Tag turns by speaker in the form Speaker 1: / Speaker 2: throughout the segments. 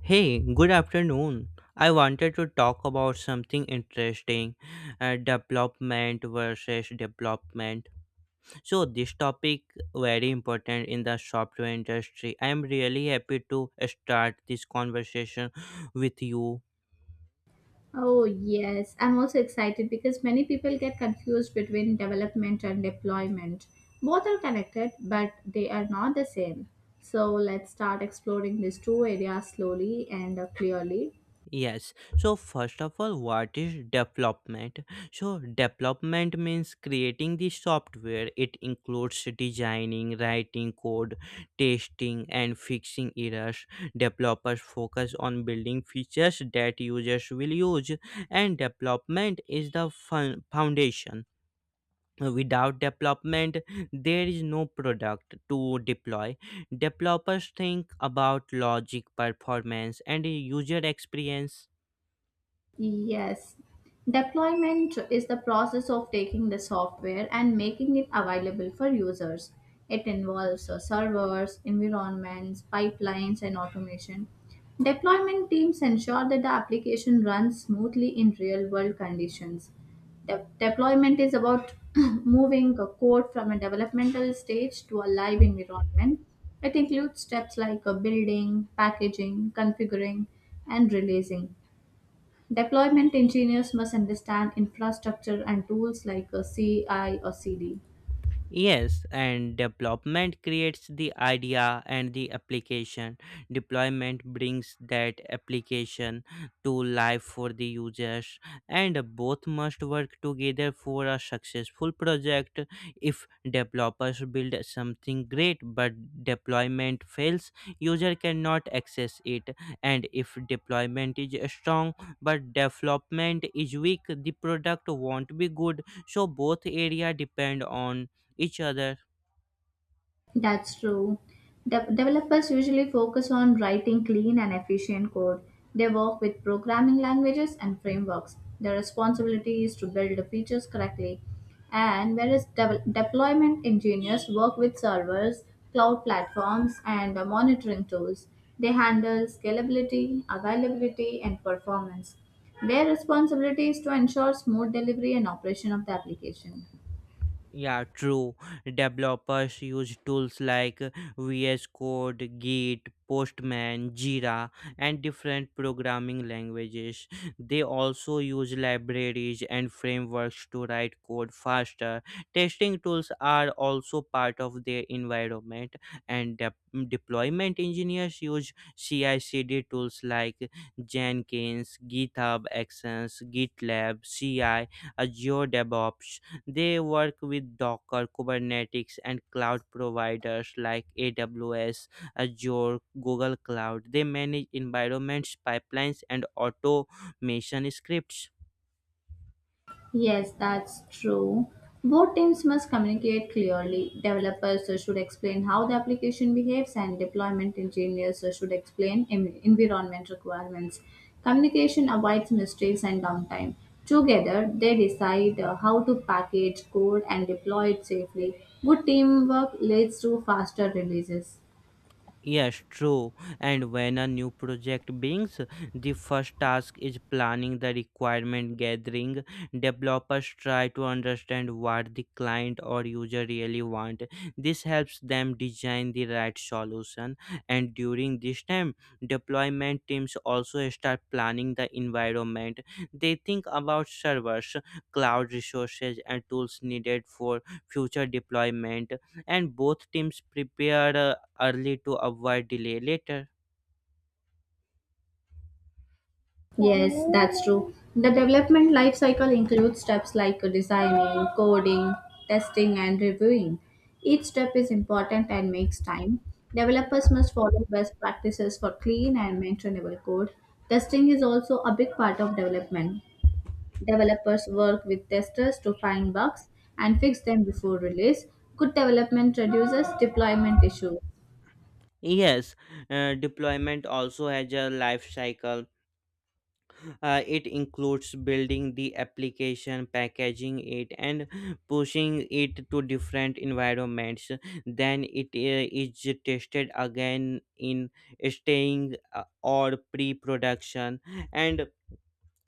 Speaker 1: Hey, good afternoon. I wanted to talk about something interesting development versus development. So, this topic very important in the software industry. I am really happy to start this conversation with you.
Speaker 2: Oh, yes. I'm also excited because many people get confused between development and deployment. Both are connected, but they are not the same. So let's start exploring these two areas slowly and clearly.
Speaker 1: Yes. So first of all, what is development? So development means creating the software. It includes designing, writing code, testing, and fixing errors. Developers focus on building features that users will use, and development is the foundation. Without development, there is no product to deploy. Developers think about logic, performance, and user experience.
Speaker 2: Yes. Deployment is the process of taking the software and making it available for users. It involves servers, environments, pipelines, and automation. Deployment teams ensure that the application runs smoothly in real world conditions. Deployment is about moving a code from a developmental stage to a live environment. It includes steps like building, packaging, configuring, and releasing. Deployment engineers must understand infrastructure and tools like a CI or CD.
Speaker 1: Yes, and development creates the idea and the application. Deployment brings that application to life for the users, and both must work together for a successful project. If developers build something great but deployment fails, user cannot access it, and if deployment is strong but development is weak, the product won't be good. So both area depend on each other.
Speaker 2: That's true. Developers usually focus on writing clean and efficient code. They work with programming languages and frameworks. Their responsibility is to build the features correctly. And whereas deployment engineers work with servers, cloud platforms, and monitoring tools, they handle scalability, availability, and performance. Their responsibility is to ensure smooth delivery and operation of the application.
Speaker 1: Yeah, true. Developers use tools like VS Code, Git, Postman, Jira, and different programming languages. They also use libraries and frameworks to write code faster. Testing tools are also part of their environment, and deployment engineers use CI CD tools like Jenkins, GitHub Actions, GitLab, CI, Azure DevOps. They work with Docker, Kubernetes, and cloud providers like AWS, Azure, Google Cloud. They manage environments, pipelines, and automation scripts.
Speaker 2: Yes, that's true. Both teams must communicate clearly. Developers should explain how the application behaves, and deployment engineers should explain environment requirements. Communication avoids mistakes and downtime. Together, they decide how to package code and deploy it safely. Good teamwork leads to faster releases.
Speaker 1: Yes, true. And when a new project begins, the first task is planning the requirement gathering. Developers try to understand what the client or user really want. This helps them design the right solution. And during this time, deployment teams also start planning the environment. They think about servers, cloud resources, and tools needed for future deployment, and both teams prepare early to avoid delay later.
Speaker 2: Yes, that's true. The development life cycle includes steps like designing, coding, testing, and reviewing. Each step is important and makes time. Developers must follow best practices for clean and maintainable code. Testing is also a big part of development. Developers work with testers to find bugs and fix them before release. Good development reduces deployment issues.
Speaker 1: Yes, deployment also has a life cycle. It includes building the application, packaging it, and pushing it to different environments. Then it is tested again in staying or pre production, and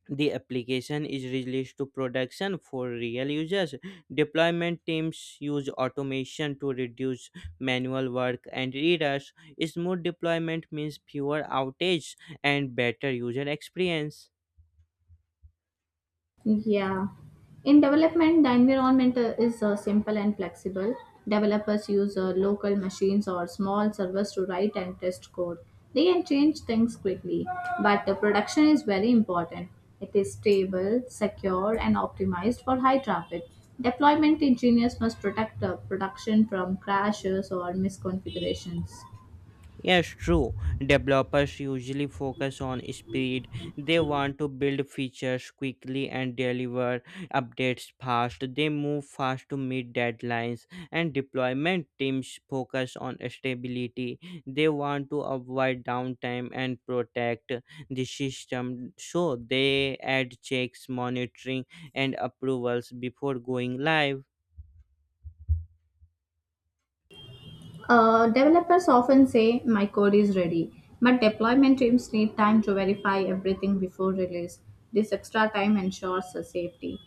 Speaker 1: the application is released to production for real users. Deployment teams use automation to reduce manual work and errors. Smooth deployment means fewer outages and better user experience.
Speaker 2: Yeah. In development, the environment is simple and flexible. Developers use local machines or small servers to write and test code. They can change things quickly, but the production is very important. It is stable, secure, and optimized for high traffic. Deployment engineers must protect the production from crashes or misconfigurations.
Speaker 1: Yes, true. Developers usually focus on speed. They want to build features quickly and deliver updates fast. They move fast to meet deadlines, and deployment teams focus on stability. They want to avoid downtime and protect the system. So they add checks, monitoring, and approvals before going live.
Speaker 2: Developers often say my code is ready, but deployment teams need time to verify everything before release. This extra time ensures the safety.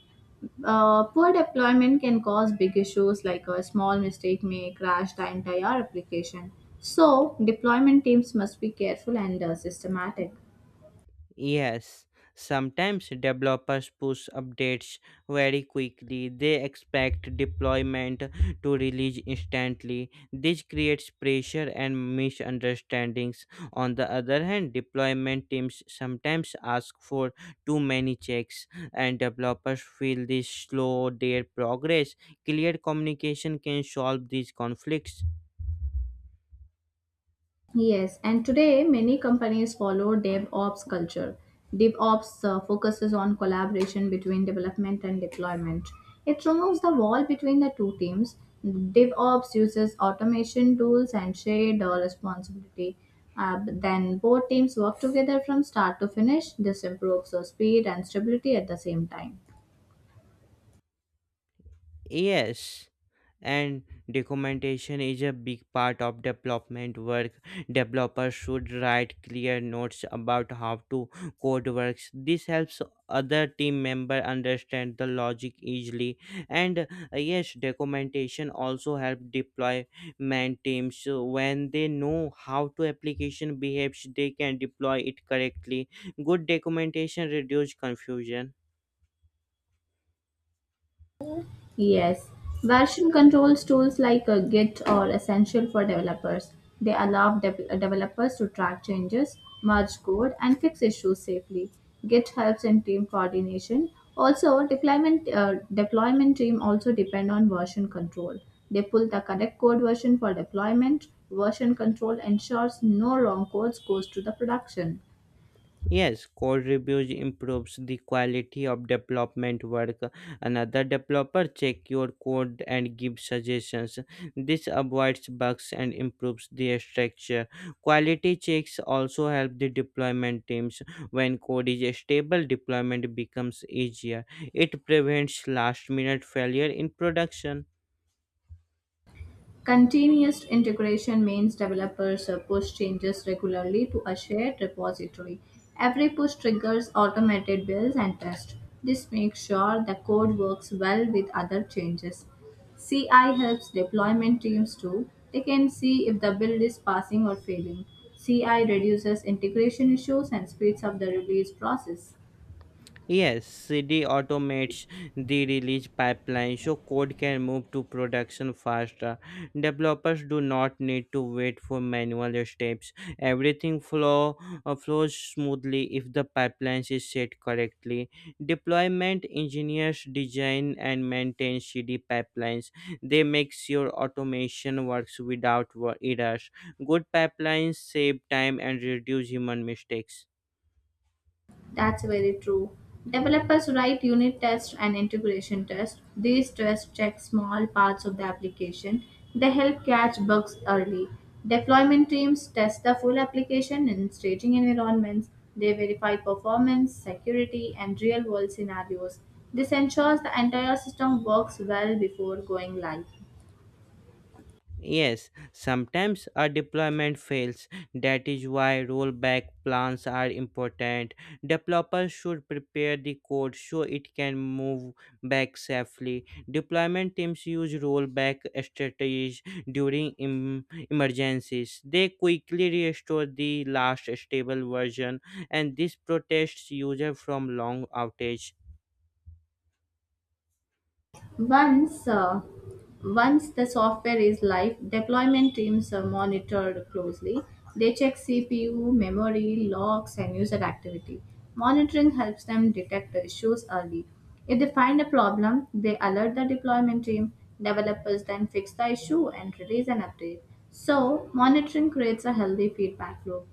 Speaker 2: Poor deployment can cause big issues like a small mistake may crash the entire application. So, deployment teams must be careful and systematic.
Speaker 1: Yes, sometimes developers push updates very quickly. They expect deployment to release instantly. This creates pressure and misunderstandings. On the other hand, deployment teams sometimes ask for too many checks, and developers feel this slow their progress. Clear communication can solve these conflicts.
Speaker 2: Yes, and today many companies follow DevOps culture. DevOps focuses on collaboration between development and deployment. It removes the wall between the two teams. DevOps uses automation tools and shared responsibility. But then both teams work together from start to finish. This improves speed and stability at the same time.
Speaker 1: Yes, and documentation is a big part of development work. Developers should write clear notes about how to code works. This helps other team member understand the logic easily. And uh, yes, Documentation also help deployment teams, so when they know how to application behaves. They can deploy it correctly. Good documentation reduce confusion.
Speaker 2: Yes, version controls tools like Git are essential for developers. They allow developers to track changes, merge code, and fix issues safely. Git helps in team coordination. Also, deployment team also depend on version control. They pull the correct code version for deployment. Version control ensures no wrong codes goes to the production.
Speaker 1: Yes, code reviews improves the quality of development work. Another developer check your code and give suggestions. This avoids bugs and improves the structure. Quality checks also help the deployment teams. When code is stable, deployment becomes easier. It prevents last minute failure in production.
Speaker 2: Continuous integration means developers push changes regularly to a shared repository. Every push triggers automated builds and tests. This makes sure the code works well with other changes. CI helps deployment teams too. They can see if the build is passing or failing. CI reduces integration issues and speeds up the release process.
Speaker 1: Yes, CD automates the release pipeline so code can move to production faster. Developers do not need to wait for manual steps. Everything flows smoothly if the pipeline is set correctly. Deployment engineers design and maintain CD pipelines. They make sure automation works without errors. Good pipelines save time and reduce human mistakes.
Speaker 2: That's very true. Developers write unit tests and integration tests. These tests check small parts of the application. They help catch bugs early. Deployment teams test the full application in staging environments. They verify performance, security, and real world scenarios. This ensures the entire system works well before going live.
Speaker 1: Yes, sometimes a deployment fails. That is why rollback plans are important. Developers should prepare the code so it can move back safely. Deployment teams use rollback strategies during emergencies. They quickly restore the last stable version, and this protects users from long outage.
Speaker 2: Once, uh, once the software is live, deployment teams are monitored closely. They check CPU, memory, logs, and user activity. Monitoring helps them detect the issues early. If they find a problem, they alert the deployment team. Developers then fix the issue and release an update. So, monitoring creates a healthy feedback loop.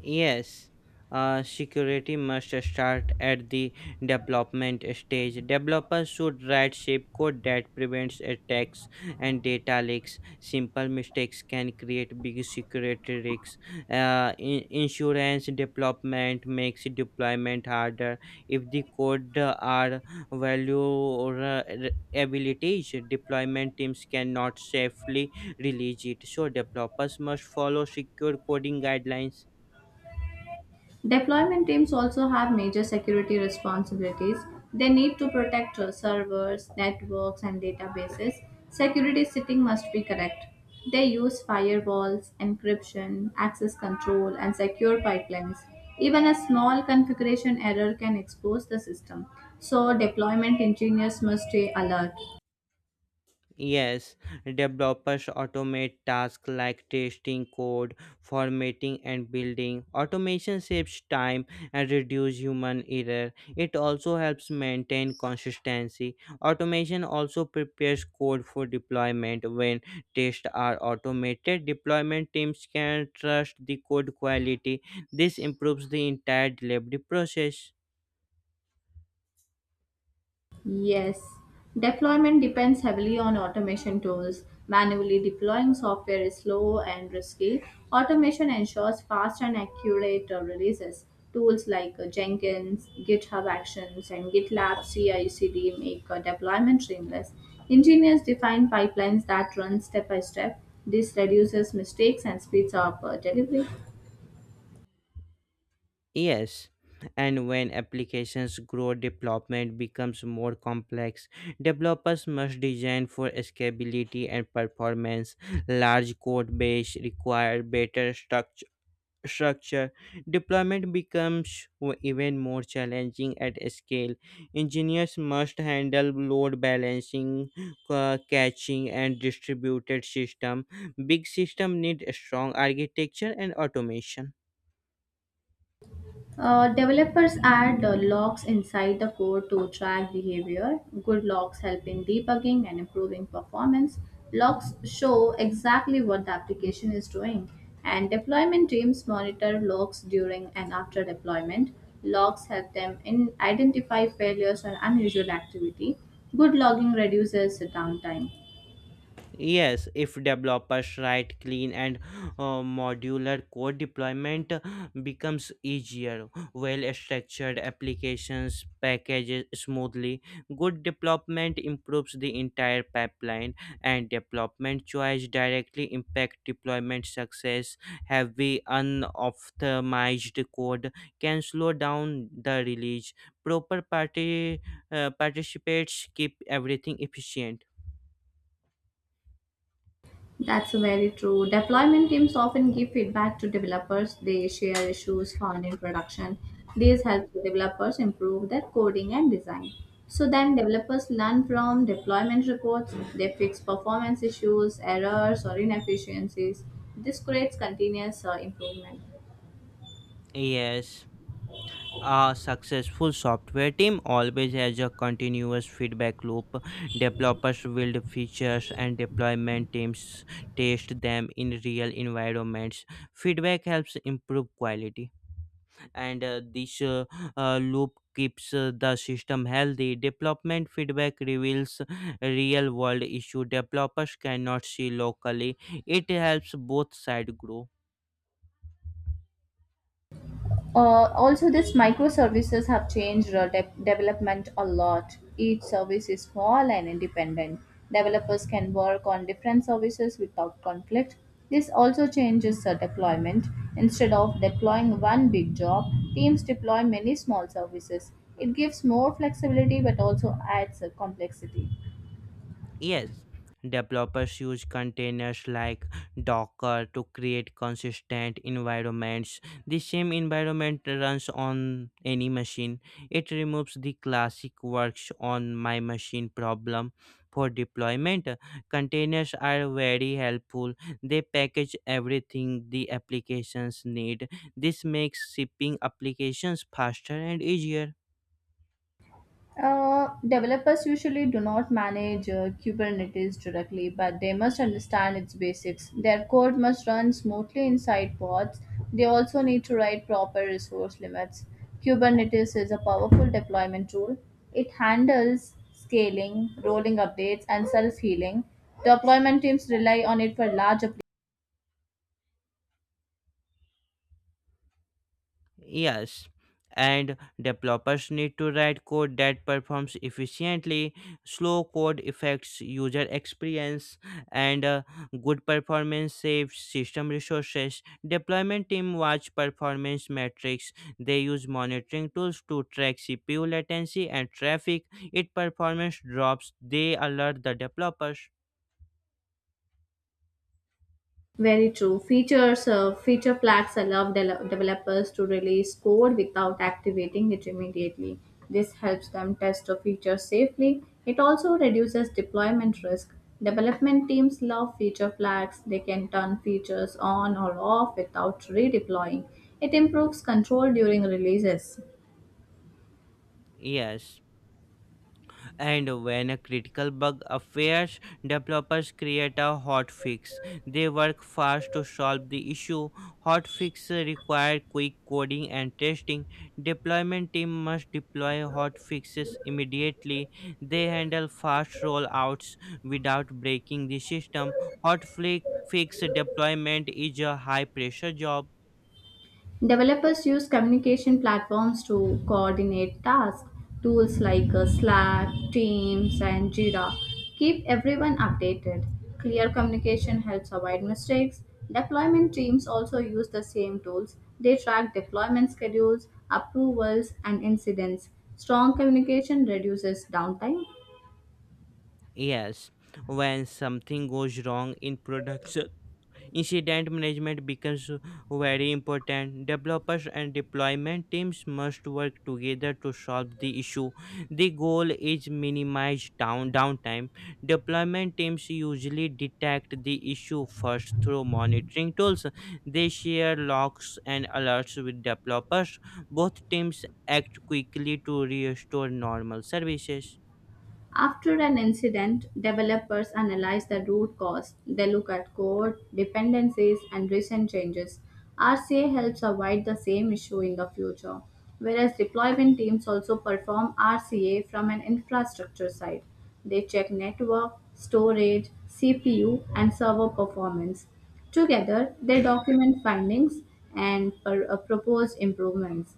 Speaker 1: Yes, security must start at the development stage. Developers should write shapecode that prevents attacks and data leaks. Simple mistakes can create big security risks. Insurance development makes deployment harder. If the code are value uh, abilities, deployment teams cannot safely release it. So developers must follow secure coding guidelines.
Speaker 2: Deployment teams also have major security responsibilities. They need to protect servers, networks, and databases. Security setting must be correct. They use firewalls, encryption, access control, and secure pipelines. Even a small configuration error can expose the system. So, deployment engineers must stay alert.
Speaker 1: Yes, developers automate tasks like testing code, formatting, and building. Automation saves time and reduces human error. It also helps maintain consistency. Automation also prepares code for deployment. When tests are automated, deployment teams can trust the code quality. This improves the entire delivery process.
Speaker 2: Yes, deployment depends heavily on automation tools. Manually deploying software is slow and risky. Automation ensures fast and accurate releases. Tools like Jenkins, GitHub Actions, and GitLab CI/CD make deployment seamless. Engineers define pipelines that run step by step. This reduces mistakes and speeds up delivery.
Speaker 1: Yes, and when applications grow, development becomes more complex. Developers must design for scalability and performance. Large code base require better structure. Structure deployment becomes even more challenging at scale. Engineers must handle load balancing, caching, and distributed system. Big system need strong architecture and automation.
Speaker 2: Developers add locks inside the code to track behavior. Good locks help in debugging and improving performance. Locks show exactly what the application is doing, and deployment teams monitor logs during and after deployment. Logs help them in identify failures or unusual activity. Good logging reduces downtime.
Speaker 1: Yes, if developers write clean and modular code, deployment becomes easier. Well-structured applications packages smoothly. Good development improves the entire pipeline, and development choice directly impact deployment success. Heavy unoptimized code can slow down the release. Proper party participates keep everything efficient.
Speaker 2: That's very true. Deployment teams often give feedback to developers. They share issues found in production. These help the developers improve their coding and design. So then developers learn from deployment reports. They fix performance issues, errors, or inefficiencies. This creates continuous improvement.
Speaker 1: Yes. A successful software team always has a continuous feedback loop. Developers build features and deployment teams test them in real environments. Feedback helps improve quality, and this loop keeps the system healthy. Development feedback reveals real world issue developers cannot see locally. It helps both sides grow.
Speaker 2: Also, these microservices have changed development a lot. Each service is small and independent. Developers can work on different services without conflict. This also changes deployment. Instead of deploying one big job, teams deploy many small services. It gives more flexibility but also adds complexity.
Speaker 1: Yes, developers use containers like Docker to create consistent environments. The same environment runs on any machine. It removes the classic works on my machine problem for deployment. Containers are very helpful. They package everything the applications need. This makes shipping applications faster and easier.
Speaker 2: Developers usually do not manage Kubernetes directly, but they must understand its basics. Their code must run smoothly inside pods. They also need to write proper resource limits. Kubernetes is a powerful deployment tool. It handles scaling, rolling updates, and self healing. Deployment teams rely on it for large.
Speaker 1: Yes, and developers need to write code that performs efficiently. Slow code affects user experience, and good performance saves system resources. Deployment team watch performance metrics. They use monitoring tools to track CPU latency and traffic. If performance drops, they alert the developers.
Speaker 2: Very true. Feature flags allow developers to release code without activating it immediately. This helps them test a feature safely. It also reduces deployment risk. Development teams love feature flags. They can turn features on or off without redeploying. It improves control during releases.
Speaker 1: Yes. And when a critical bug appears, developers create a hotfix. They work fast to solve the issue. Hotfix require quick coding and testing. Deployment team must deploy hotfixes immediately. They handle fast rollouts without breaking the system. Hotfix deployment is a high pressure job.
Speaker 2: Developers use communication platforms to coordinate tasks. Tools like Slack, Teams, and Jira keep everyone updated. Clear communication helps avoid mistakes. Deployment teams also use the same tools. They track deployment schedules, approvals, and incidents. Strong communication reduces downtime.
Speaker 1: Yes, when something goes wrong in production, incident management becomes very important. Developers and deployment teams must work together to solve the issue. The goal is minimize downtime. Deployment teams usually detect the issue first through monitoring tools. They share logs and alerts with developers. Both teams act quickly to restore normal services.
Speaker 2: After an incident, developers analyze the root cause. They look at code, dependencies, and recent changes. RCA helps avoid the same issue in the future, whereas deployment teams also perform RCA from an infrastructure side. They check network, storage, CPU, and server performance. Together, they document findings and propose improvements.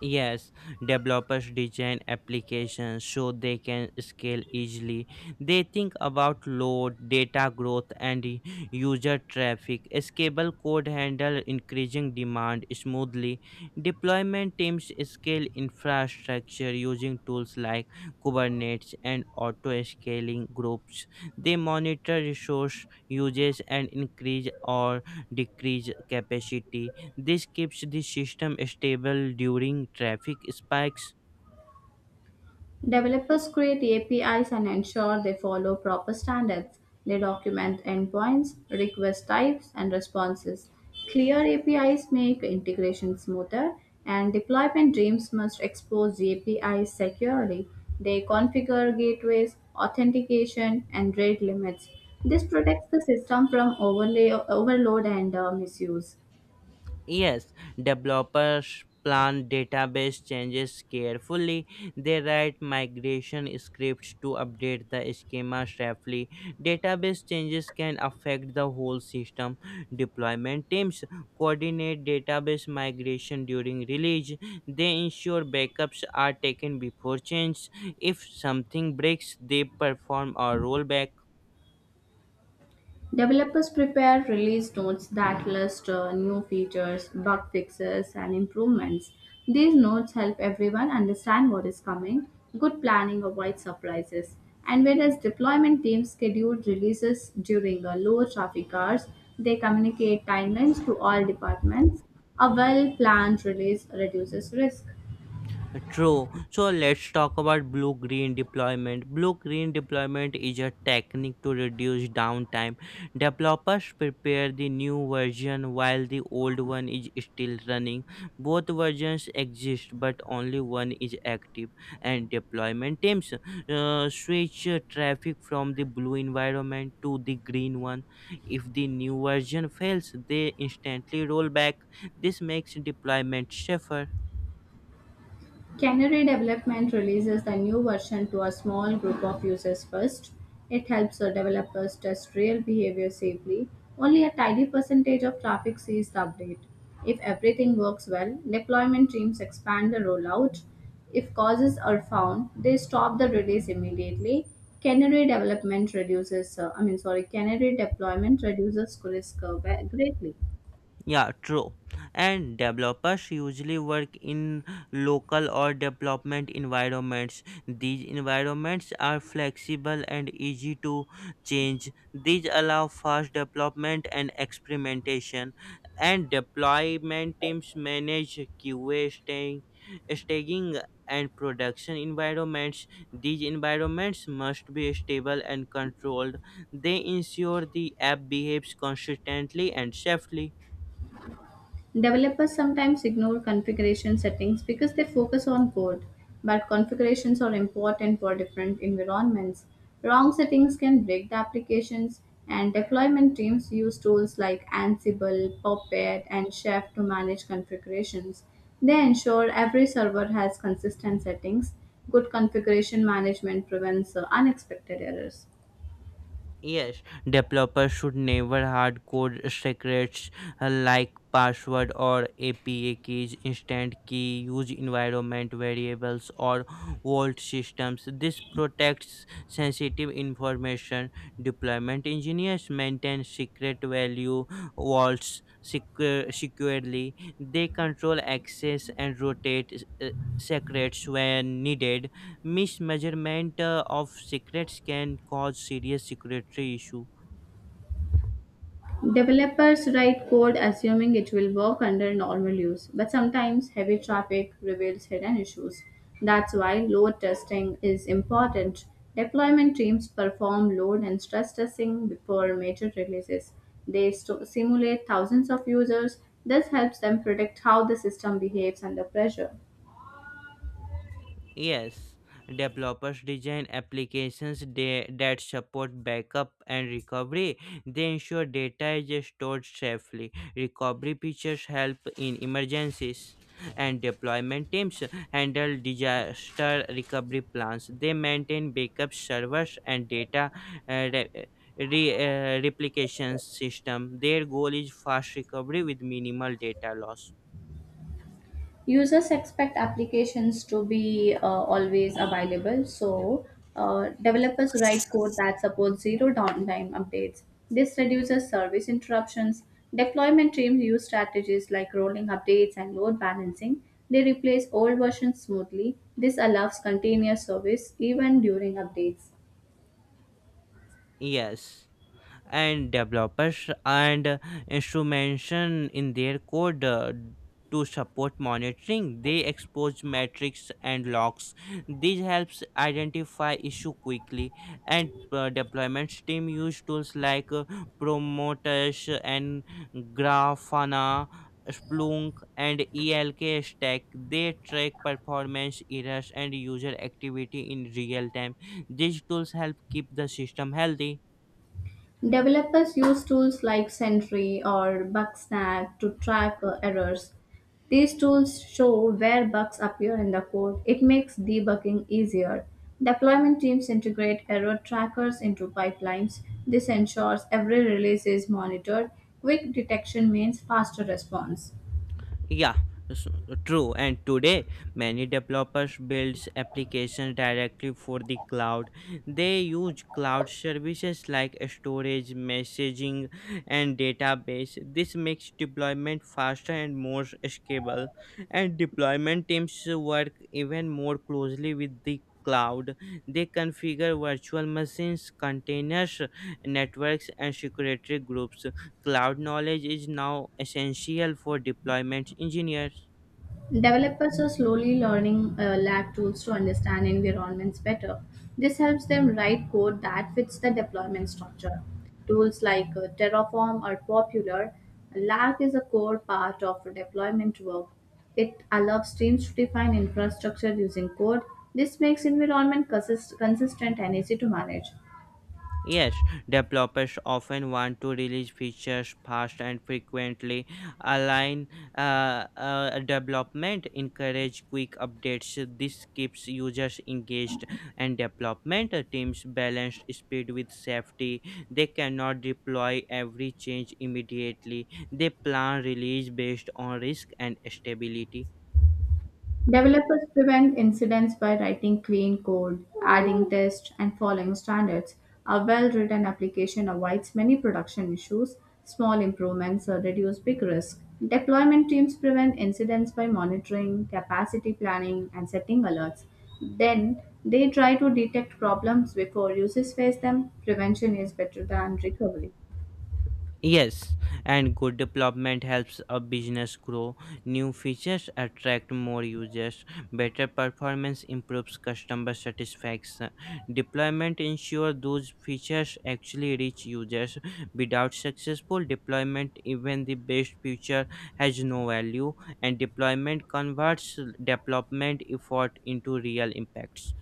Speaker 1: Yes, developers design applications so they can scale easily. They think about load, data growth, and user traffic. Scalable code handle increasing demand smoothly. Deployment teams scale infrastructure using tools like Kubernetes and auto scaling groups. They monitor resource usage and increase or decrease capacity. This keeps the system stable during traffic spikes.
Speaker 2: Developers create APIs and ensure they follow proper standards. They document endpoints, request types, and responses. Clear APIs make integration smoother, and deployment teams must expose the APIs securely. They configure gateways, authentication, and rate limits. This protects the system from overlay, overload and misuse.
Speaker 1: Yes, developers plan database changes carefully. They write migration scripts to update the schema safely. Database changes can affect the whole system. Deployment teams coordinate database migration during release. They ensure backups are taken before change. If something breaks, they perform a rollback.
Speaker 2: Developers prepare release notes that list new features, bug fixes, and improvements. These notes help everyone understand what is coming. Good planning avoids surprises. And whereas deployment teams schedule releases during low traffic hours, they communicate timelines to all departments. A well planned release reduces risk.
Speaker 1: True. So let's talk about blue green deployment. Blue green deployment is a technique to reduce downtime. Developers prepare the new version while the old one is still running. Both versions exist, but only one is active. And deployment teams switch traffic from the blue environment to the green one. If the new version fails, they instantly roll back. This makes deployment safer.
Speaker 2: Canary Development releases the new version to a small group of users first. It helps the developers test real behavior safely. Only a tiny percentage of traffic sees the update. If everything works well, deployment teams expand the rollout. If causes are found, they stop the release immediately. Canary development reduces, I mean, sorry, Canary deployment reduces risk greatly.
Speaker 1: Yeah, true. And developers usually work in local or development environments. These environments are flexible and easy to change. These allow fast development and experimentation. And deployment teams manage staging and production environments. These environments must be stable and controlled. They ensure the app behaves consistently and safely.
Speaker 2: Developers sometimes ignore configuration settings because they focus on code, but configurations are important for different environments. Wrong settings can break the applications, and deployment teams use tools like Ansible, Puppet, and Chef to manage configurations. They ensure every server has consistent settings. Good configuration management prevents unexpected errors.
Speaker 1: Yes, developers should never hard code secrets like password or API keys, instant key, use environment variables, or vault systems. This protects sensitive information. Deployment engineers maintain secret value securely. They control access and rotate secrets when needed. Mismeasurement of secrets can cause serious security issue.
Speaker 2: Developers write code assuming it will work under normal use, but sometimes heavy traffic reveals hidden issues. That's why load testing is important. Deployment teams perform load and stress testing before major releases. They simulate thousands of users. This helps them predict how the system behaves under pressure.
Speaker 1: Yes, developers design applications that support backup and recovery. They ensure data is stored safely. Recovery features help in emergencies. And deployment teams handle disaster recovery plans. They maintain backup servers and data uh, re- re- replication system. Their goal is fast recovery with minimal data loss.
Speaker 2: Users expect applications to be always available, so developers write code that supports zero downtime updates. This reduces service interruptions. Deployment teams use strategies like rolling updates and load balancing. They replace old versions smoothly. This allows continuous service even during updates.
Speaker 1: Yes. And developers and instrumentation in their code to support monitoring, they expose metrics and logs. This helps identify issue quickly, and deployments team use tools like promotesh and grafana, Splunk, and ELK stack. They track performance errors and user activity in real time. These tools help keep the system healthy.
Speaker 2: Developers use tools like Sentry or Bugsnag to track errors. These tools show where bugs appear in the code. It makes debugging easier. Deployment teams integrate error trackers into pipelines. This ensures every release is monitored. Quick detection means faster response.
Speaker 1: Yeah, s- true. And today, many developers build applications directly for the cloud. They use cloud services like storage, messaging, and database. This makes deployment faster and more scalable. And deployment teams work even more closely with the cloud. They configure virtual machines, containers, networks, and security groups. Cloud knowledge is now essential for deployment engineers.
Speaker 2: Developers are slowly learning lab tools to understand environments better. This helps them write code that fits the deployment structure. Tools like Terraform are popular. Lab is a core part of deployment work. It allows teams to define infrastructure using code. This makes environment consistent and easy to manage.
Speaker 1: Yes, developers often want to release features fast and frequently, align development, encourage quick updates. This keeps users engaged, and development teams balance speed with safety. They cannot deploy every change immediately. They plan release based on risk and stability.
Speaker 2: Developers prevent incidents by writing clean code, adding tests, and following standards. A well written application avoids many production issues. Small improvements reduce big risk. Deployment teams prevent incidents by monitoring, capacity planning, and setting alerts. Then they try to detect problems before users face them. Prevention is better than recovery.
Speaker 1: Yes, and good development helps a business grow. New features attract more users. Better performance improves customer satisfaction. Deployment ensures those features actually reach users. Without successful deployment, even the best feature has no value, and deployment converts development effort into real impacts.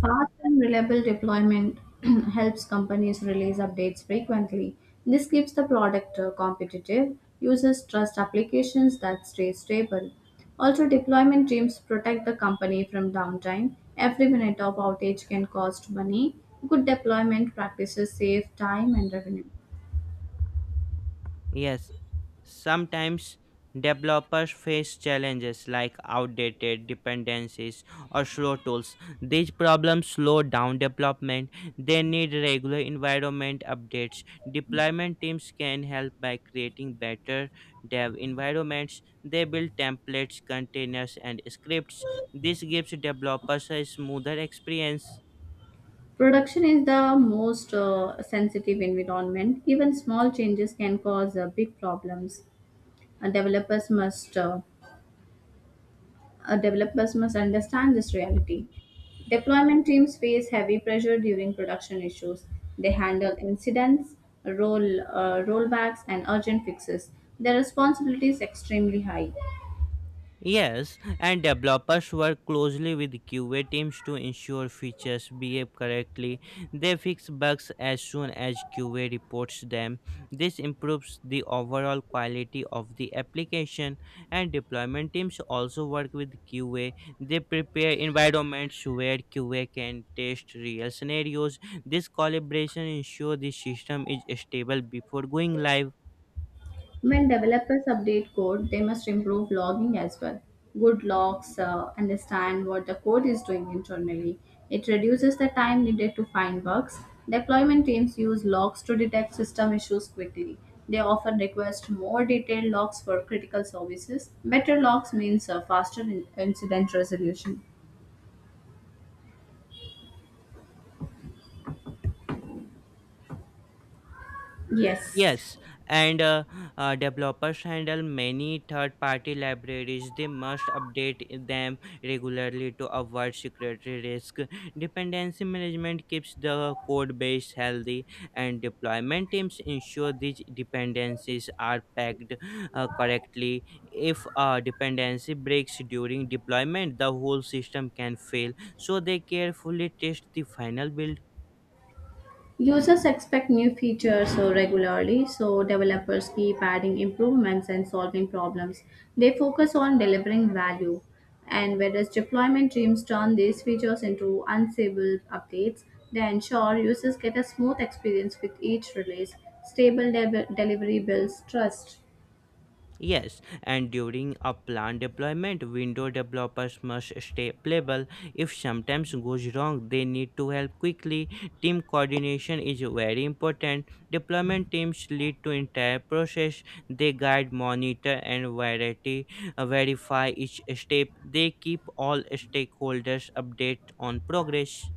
Speaker 2: Fast and reliable deployment helps companies release updates frequently. This keeps the product competitive. Users trust applications that stay stable. Also, deployment teams protect the company from downtime. Every minute of outage can cost money. Good deployment practices save time and revenue.
Speaker 1: Yes, sometimes developers face challenges like outdated dependencies or slow tools. These problems slow down development. They need regular environment updates. Deployment teams can help by creating better dev environments. They build templates, containers, and scripts. This gives developers a smoother experience.
Speaker 2: Production is the most sensitive environment. Even small changes can cause big problems. Uh, developers must uh, Developers must understand this reality. Deployment teams face heavy pressure during production issues. They handle incidents, rollbacks, and urgent fixes. Their responsibility is extremely high.
Speaker 1: Yes, and developers work closely with QA teams to ensure features behave correctly. They fix bugs as soon as QA reports them. This improves the overall quality of the application, and deployment teams also work with QA. They prepare environments where QA can test real scenarios. This collaboration ensures the system is stable before going live.
Speaker 2: When developers update code, they must improve logging as well. Good logs understand what the code is doing internally. It reduces the time needed to find bugs. Deployment teams use logs to detect system issues quickly. They often request more detailed logs for critical services. Better logs means incident resolution. Yes.
Speaker 1: Yes, and Developers handle many third party libraries. They must update them regularly to avoid security risk. Dependency management keeps the code base healthy, and deployment teams ensure these dependencies are packed correctly. If a dependency breaks during deployment, the whole system can fail. So, they carefully test the final build.
Speaker 2: Users expect new features so regularly, so developers keep adding improvements and solving problems. They focus on delivering value, and whereas deployment teams turn these features into unstable updates, they ensure users get a smooth experience with each release. Delivery builds trust.
Speaker 1: Yes, and during a planned deployment, window developers must stay playable. If sometimes goes wrong, they need to help quickly. Team coordination is very important. Deployment teams lead to entire process. They guide, monitor, and verify each step. They keep all stakeholders updated on progress.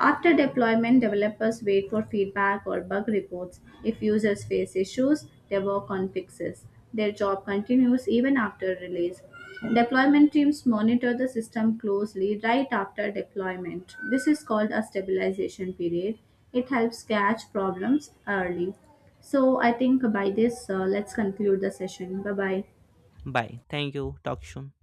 Speaker 2: After deployment, developers wait for feedback or bug reports. If users face issues, they work on fixes. Their job continues even after release. Deployment teams monitor the system closely right after deployment. This is called a stabilization period. It helps catch problems early. So, I think by this, let's conclude the session. Bye bye.
Speaker 1: Bye. Thank you. Talk soon.